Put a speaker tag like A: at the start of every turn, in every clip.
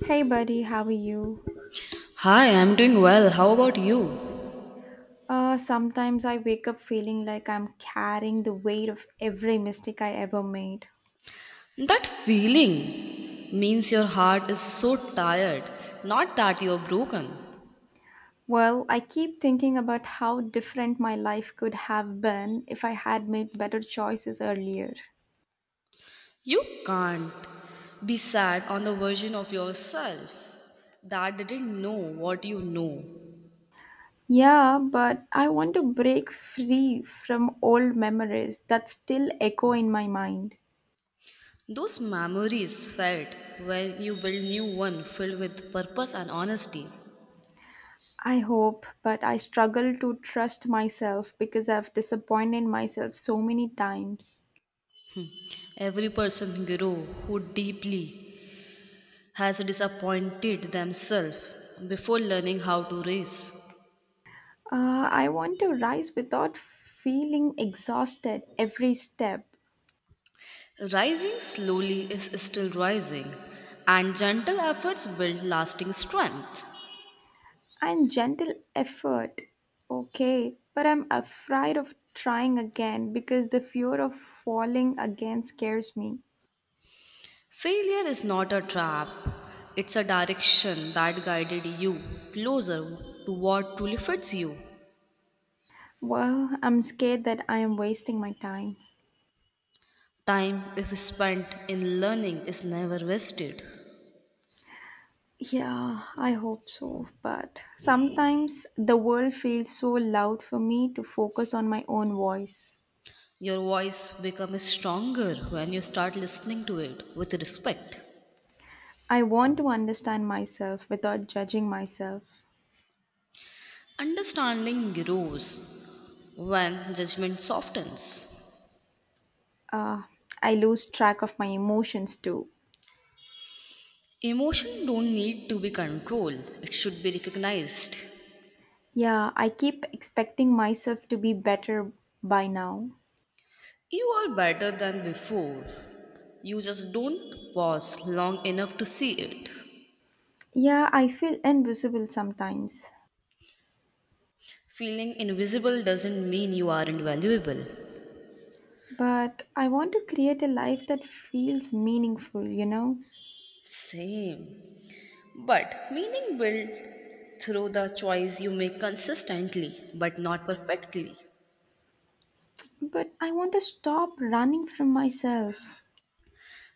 A: Hey buddy, how are you?
B: Hi, I'm doing well. How about you?
A: Sometimes I wake up feeling like I'm carrying the weight of every mistake I ever made.
B: That feeling means your heart is so tired, not that you're broken.
A: Well, I keep thinking about how different my life could have been if I had made better choices earlier.
B: You can't be sad on the version of yourself that didn't know what you know.
A: Yeah, but I want to break free from old memories that still echo in my mind.
B: Those memories felt when you build new one filled with purpose and honesty.
A: I hope, but I struggle to trust myself because I've disappointed myself so many times.
B: Every person grow who deeply has disappointed themselves before learning how to raise.
A: I want to rise without feeling exhausted every step
B: Rising slowly is still rising, and gentle efforts build lasting strength.
A: and gentle effort. Okay, but I'm afraid of trying again because the fear of falling again scares me.
B: Failure is not a trap, it's a direction that guided you closer to what truly fits you.
A: Well, I'm scared that I am wasting my time.
B: Time, if spent in learning, is never wasted.
A: Yeah, I hope so. But sometimes the world feels so loud for me to focus on my own voice.
B: Your voice becomes stronger when you start listening to it with respect.
A: I want to understand myself without judging myself.
B: Understanding grows when judgment softens.
A: uh, I lose track of my emotions too.
B: Emotion don't need to be controlled. It should be recognized.
A: Yeah, I keep expecting myself to be better by now.
B: You are better than before. You just don't pause long enough to see it.
A: Yeah, I feel invisible sometimes,
B: Feeling invisible doesn't mean you aren't valuable.
A: but I want to create a life that feels meaningful, you know?
B: Same. But meaning built through the choice you make consistently, but not perfectly.
A: But I want to stop running from myself.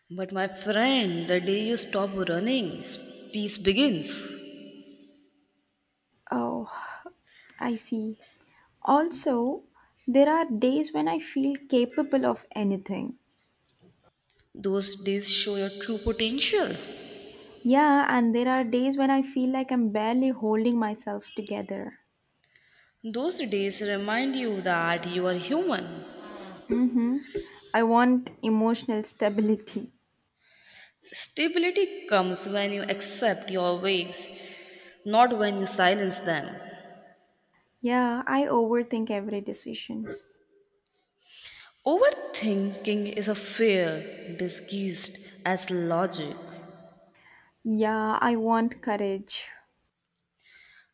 B: But my friend, the day you stop running, peace begins.
A: Oh, I see. Also, there are days when I feel capable of anything.
B: Those days show your true potential.
A: Yeah, and there are days when I feel like I'm barely holding myself together.
B: Those days remind you that you are human.
A: Mm-hmm. I want emotional stability.
B: Stability comes when you accept your waves, not when you silence them.
A: Yeah, I overthink every decision.
B: Overthinking is a fear disguised as logic.
A: Yeah, I want courage.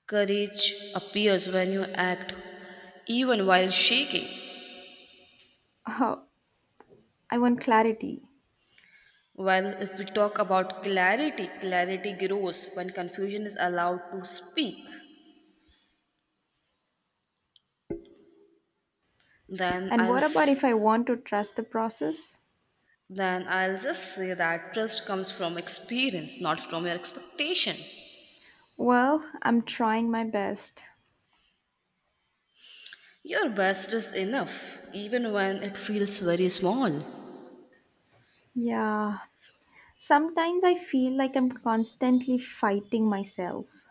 B: Courage appears when you act, even while shaking.
A: Oh, I want clarity.
B: Well, if we talk about clarity, clarity grows when confusion is allowed to speak. Then
A: And
B: I'll
A: what about if
B: s-
A: I want to trust the process?
B: Then I'll just say that trust comes from experience, not from your expectation.
A: Well, I'm trying my best.
B: Your best is enough, even when it feels very small.
A: Yeah, sometimes I feel like I'm constantly fighting myself.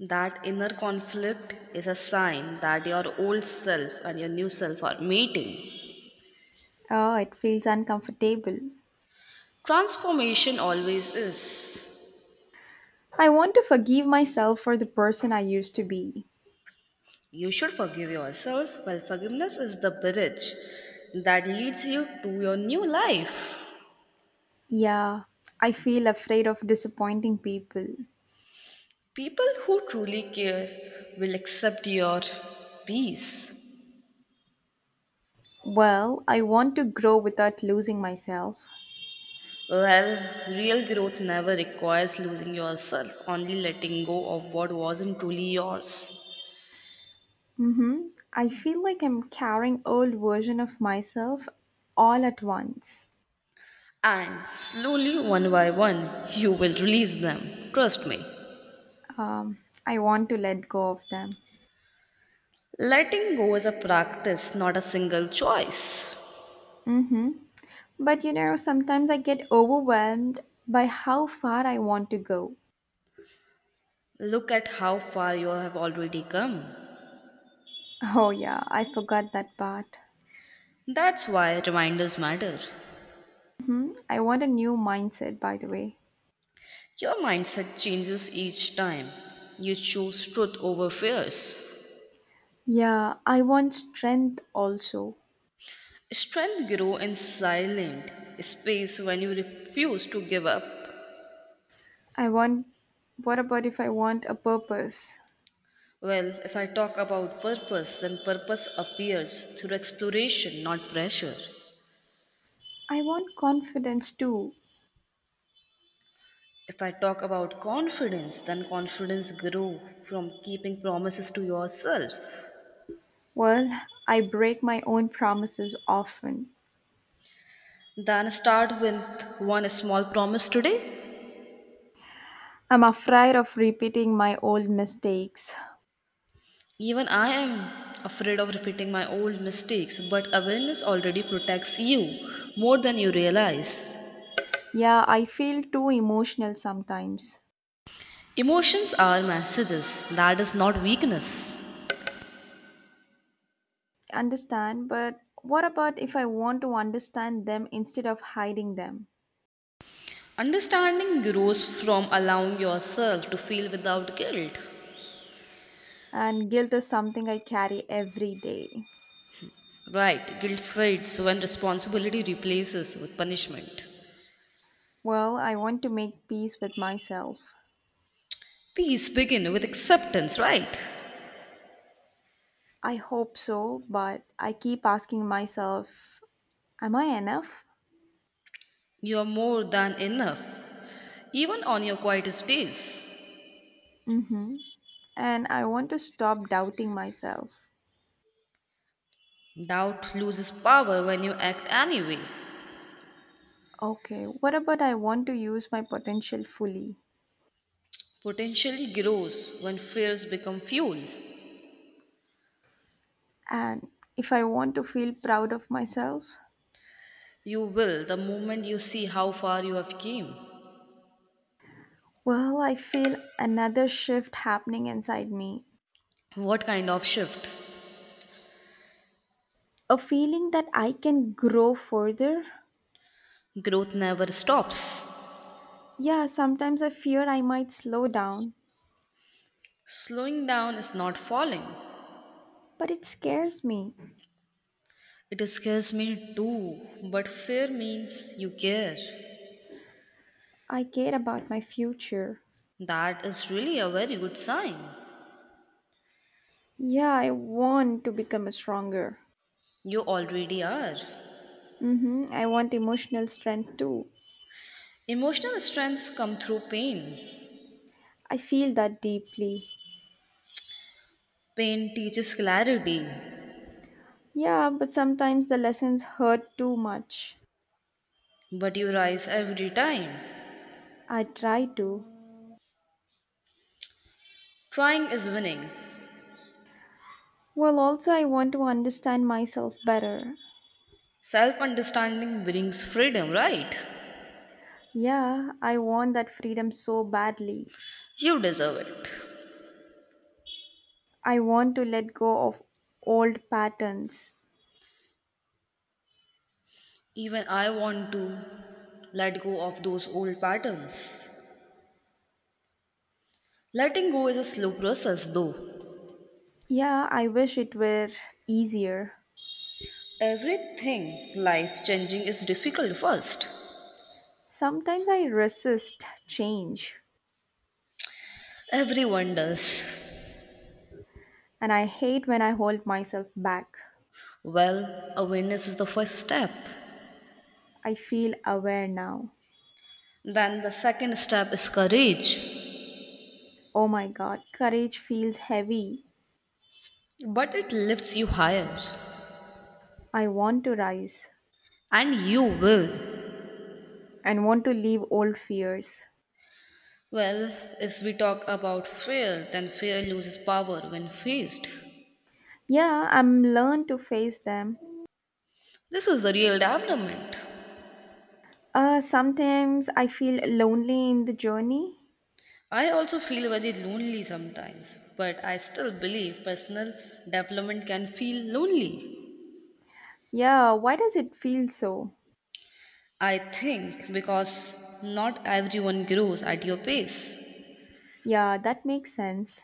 B: That inner conflict is a sign that your old self and your new self are meeting.
A: Oh, it feels uncomfortable.
B: Transformation always is.
A: I want to forgive myself for the person I used to be.
B: You should forgive yourself, while forgiveness is the bridge that leads you to your new life.
A: Yeah, I feel afraid of disappointing people.
B: People who truly care will accept your peace.
A: Well, I want to grow without losing myself.
B: Well, real growth never requires losing yourself, only letting go of what wasn't truly yours.
A: hmm I feel like I'm carrying old version of myself all at once.
B: And slowly, one by one, you will release them. Trust me.
A: Um, I want to let go of them.
B: Letting go is a practice, not a single choice.
A: hmm But you know, sometimes I get overwhelmed by how far I want to go.
B: Look at how far you have already come.
A: Oh yeah, I forgot that part.
B: That's why reminders matter.
A: I want a new mindset, by the way.
B: Your mindset changes each time. You choose truth over fears.
A: Yeah, I want strength also.
B: Strength grows in silent space when you refuse to give up.
A: I want. What about if I want a purpose?
B: Well, if I talk about purpose, then purpose appears through exploration, not pressure.
A: I want confidence too.
B: If I talk about confidence, then confidence grow from keeping promises to yourself.
A: Well, I break my own promises often.
B: Then start with one small promise today.
A: I'm afraid of repeating my old mistakes.
B: Even I am afraid of repeating my old mistakes, but awareness already protects you more than you realize.
A: Yeah, I feel too emotional sometimes.
B: Emotions are messages, that is not weakness.
A: Understand, but what about if I want to understand them instead of hiding them?
B: Understanding grows from allowing yourself to feel without guilt.
A: And guilt is something I carry every day.
B: Right, guilt fades when responsibility replaces with punishment.
A: Well, I want to make peace with myself.
B: Peace begins with acceptance, right?
A: I hope so, but I keep asking myself, am I enough?
B: You are more than enough, even on your quietest days.
A: Mm hmm. And I want to stop doubting myself.
B: Doubt loses power when you act anyway.
A: Okay, what about I want to use my potential fully?
B: Potentially grows when fears become fuel.
A: And if I want to feel proud of myself,
B: You will the moment you see how far you have came.
A: well, I feel another shift happening inside me.
B: What kind of shift?
A: A feeling that I can grow further.
B: Growth never stops.
A: Yeah, sometimes I fear I might slow down,
B: Slowing down is not falling.
A: but it scares me.
B: It scares me too, but fear means you care.
A: I care about my future.
B: That is really a very good sign.
A: Yeah, I want to become stronger.
B: You already are.
A: Mm-hmm. I want emotional strength too.
B: Emotional strengths come through pain.
A: I feel that deeply.
B: Pain teaches clarity,
A: Yeah, but sometimes the lessons hurt too much.
B: but you rise every time.
A: I try to.
B: Trying is winning.
A: Well, also, I want to understand myself better.
B: Self understanding brings freedom, right?
A: Yeah, I want that freedom so badly.
B: You deserve it.
A: I want to let go of old patterns.
B: Even I want to let go of those old patterns. Letting go is a slow process, though.
A: Yeah, I wish it were easier.
B: Everything life changing is difficult first.
A: Sometimes I resist change
B: Everyone does.
A: and I hate when I hold myself back.
B: Well, awareness is the first step.
A: I feel aware now.
B: Then the second step is courage.
A: Oh my god, courage feels heavy.
B: But it lifts you higher.
A: I want to rise.
B: And you will.
A: And want to leave old fears.
B: Well, if we talk about fear, then fear loses power when faced.
A: Yeah, I'm learned to face them.
B: This is the real development.
A: Sometimes I feel lonely in the journey.
B: I also feel very lonely sometimes, but I still believe personal development can feel lonely.
A: Yeah, why does it feel so?
B: I think because not everyone grows at your pace.
A: Yeah, that makes sense.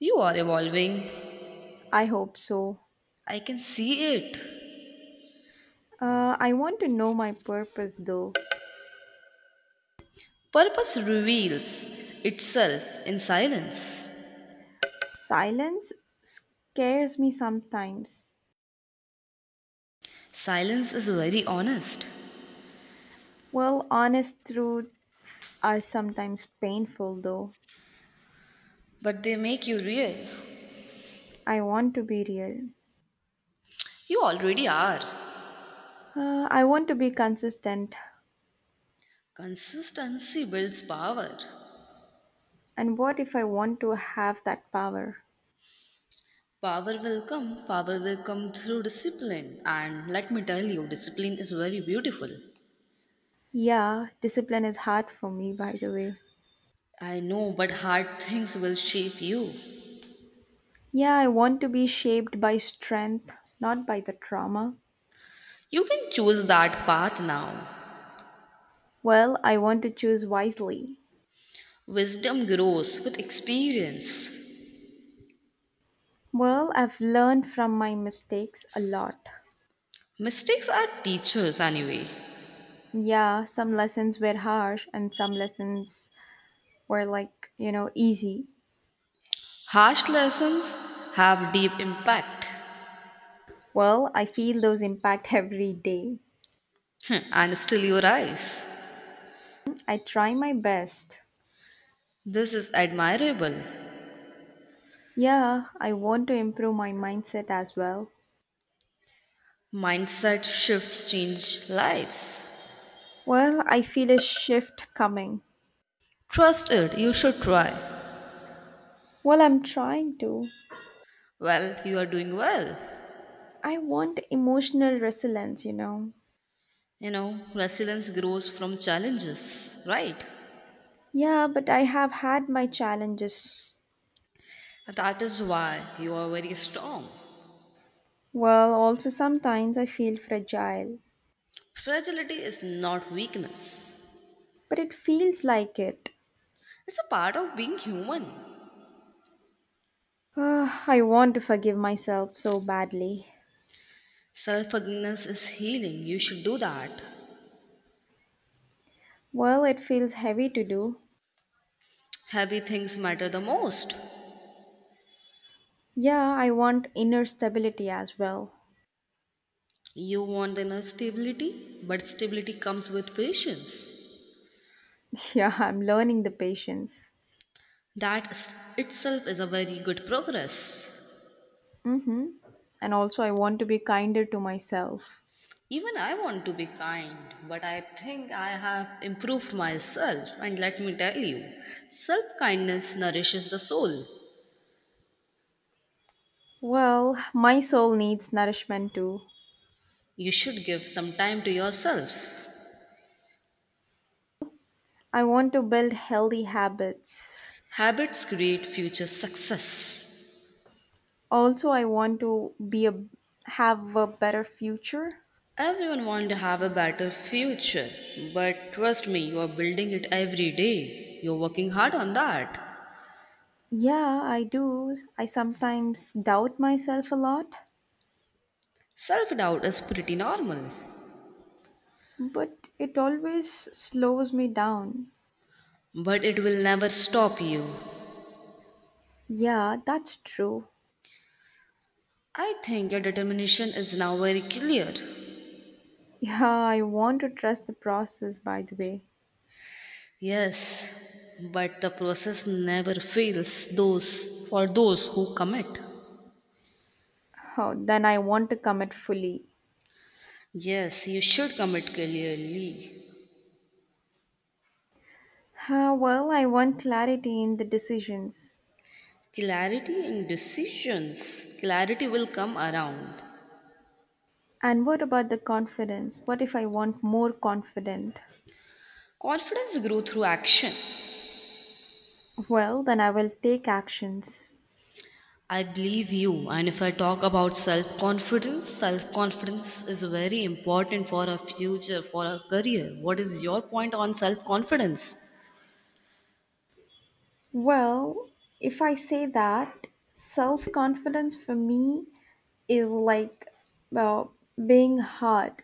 B: You are evolving.
A: I hope so.
B: I can see it.
A: I want to know my purpose though.
B: Purpose reveals itself in silence.
A: Silence scares me sometimes.
B: Silence is very honest,
A: Well, honest truths are sometimes painful though.
B: but they make you real.
A: I want to be real.
B: You already are.
A: I want to be consistent.
B: Consistency builds power.
A: And what if I want to have that power?
B: Power will come through discipline. And let me tell you, discipline is very beautiful.
A: Yeah, discipline is hard for me, by the way.
B: I know, but hard things will shape you.
A: Yeah, I want to be shaped by strength, not by the trauma.
B: You can choose that path now.
A: Well, I want to choose wisely.
B: Wisdom grows with experience.
A: Well, I've learned from my mistakes a lot.
B: Mistakes are teachers anyway.
A: Yeah, some lessons were harsh and some lessons were like, you know, easy.
B: Harsh lessons have deep impact.
A: Well, I feel those impact every day.
B: Hmm, and still you rise.
A: I try my best.
B: This is admirable.
A: Yeah, I want to improve my mindset as well.
B: Mindset shifts change lives.
A: Well, I feel a shift coming.
B: Trust it, you should try.
A: Well, I'm trying to.
B: Well, you are doing well.
A: I want emotional resilience, you know.
B: You know, resilience grows from challenges, right?
A: Yeah, but I have had my challenges.
B: That is why you are very strong.
A: Well, also sometimes I feel fragile,
B: Fragility is not weakness,
A: but it feels like it.
B: it's a part of being human.
A: Ah, I want to forgive myself so badly.
B: Self forgiveness is healing. You should do that.
A: Well, it feels heavy to do.
B: Heavy things matter the most.
A: Yeah, I want inner stability as well.
B: You want inner stability, but stability comes with patience.
A: Yeah, I'm learning the patience.
B: Itself is a very good progress.
A: Mm-hmm. And also, I want to be kinder to myself.
B: Even I want to be kind, but I think I have improved myself. And let me tell you, self kindness nourishes the soul.
A: Well, my soul needs nourishment too.
B: You should give some time to yourself.
A: I want to build healthy habits.
B: Habits create future success.
A: Also, I want to be a have a better future.
B: Everyone wants to have a better future, but trust me, you are building it every day. You're working hard on that.
A: Yeah, I do. I sometimes doubt myself a lot,
B: Self doubt is pretty normal,
A: but it always slows me down.
B: but it will never stop you.
A: Yeah, that's true.
B: I think your determination is now very clear.
A: Yeah, I want to trust the process, by the way.
B: Yes, but the process never fails those for those who commit.
A: Oh, then I want to commit fully.
B: Yes, you should commit clearly.
A: Ah, well, I want clarity in the decisions.
B: Clarity in decisions. Clarity will come around.
A: And what about the confidence? What if I want more confident?
B: Confidence grows through action.
A: Well, then I will take actions.
B: I believe you. And if I talk about self confidence is very important for our future, for our career. What is your point on self confidence?
A: Well, if I say that, self confidence for me is like well, being hard.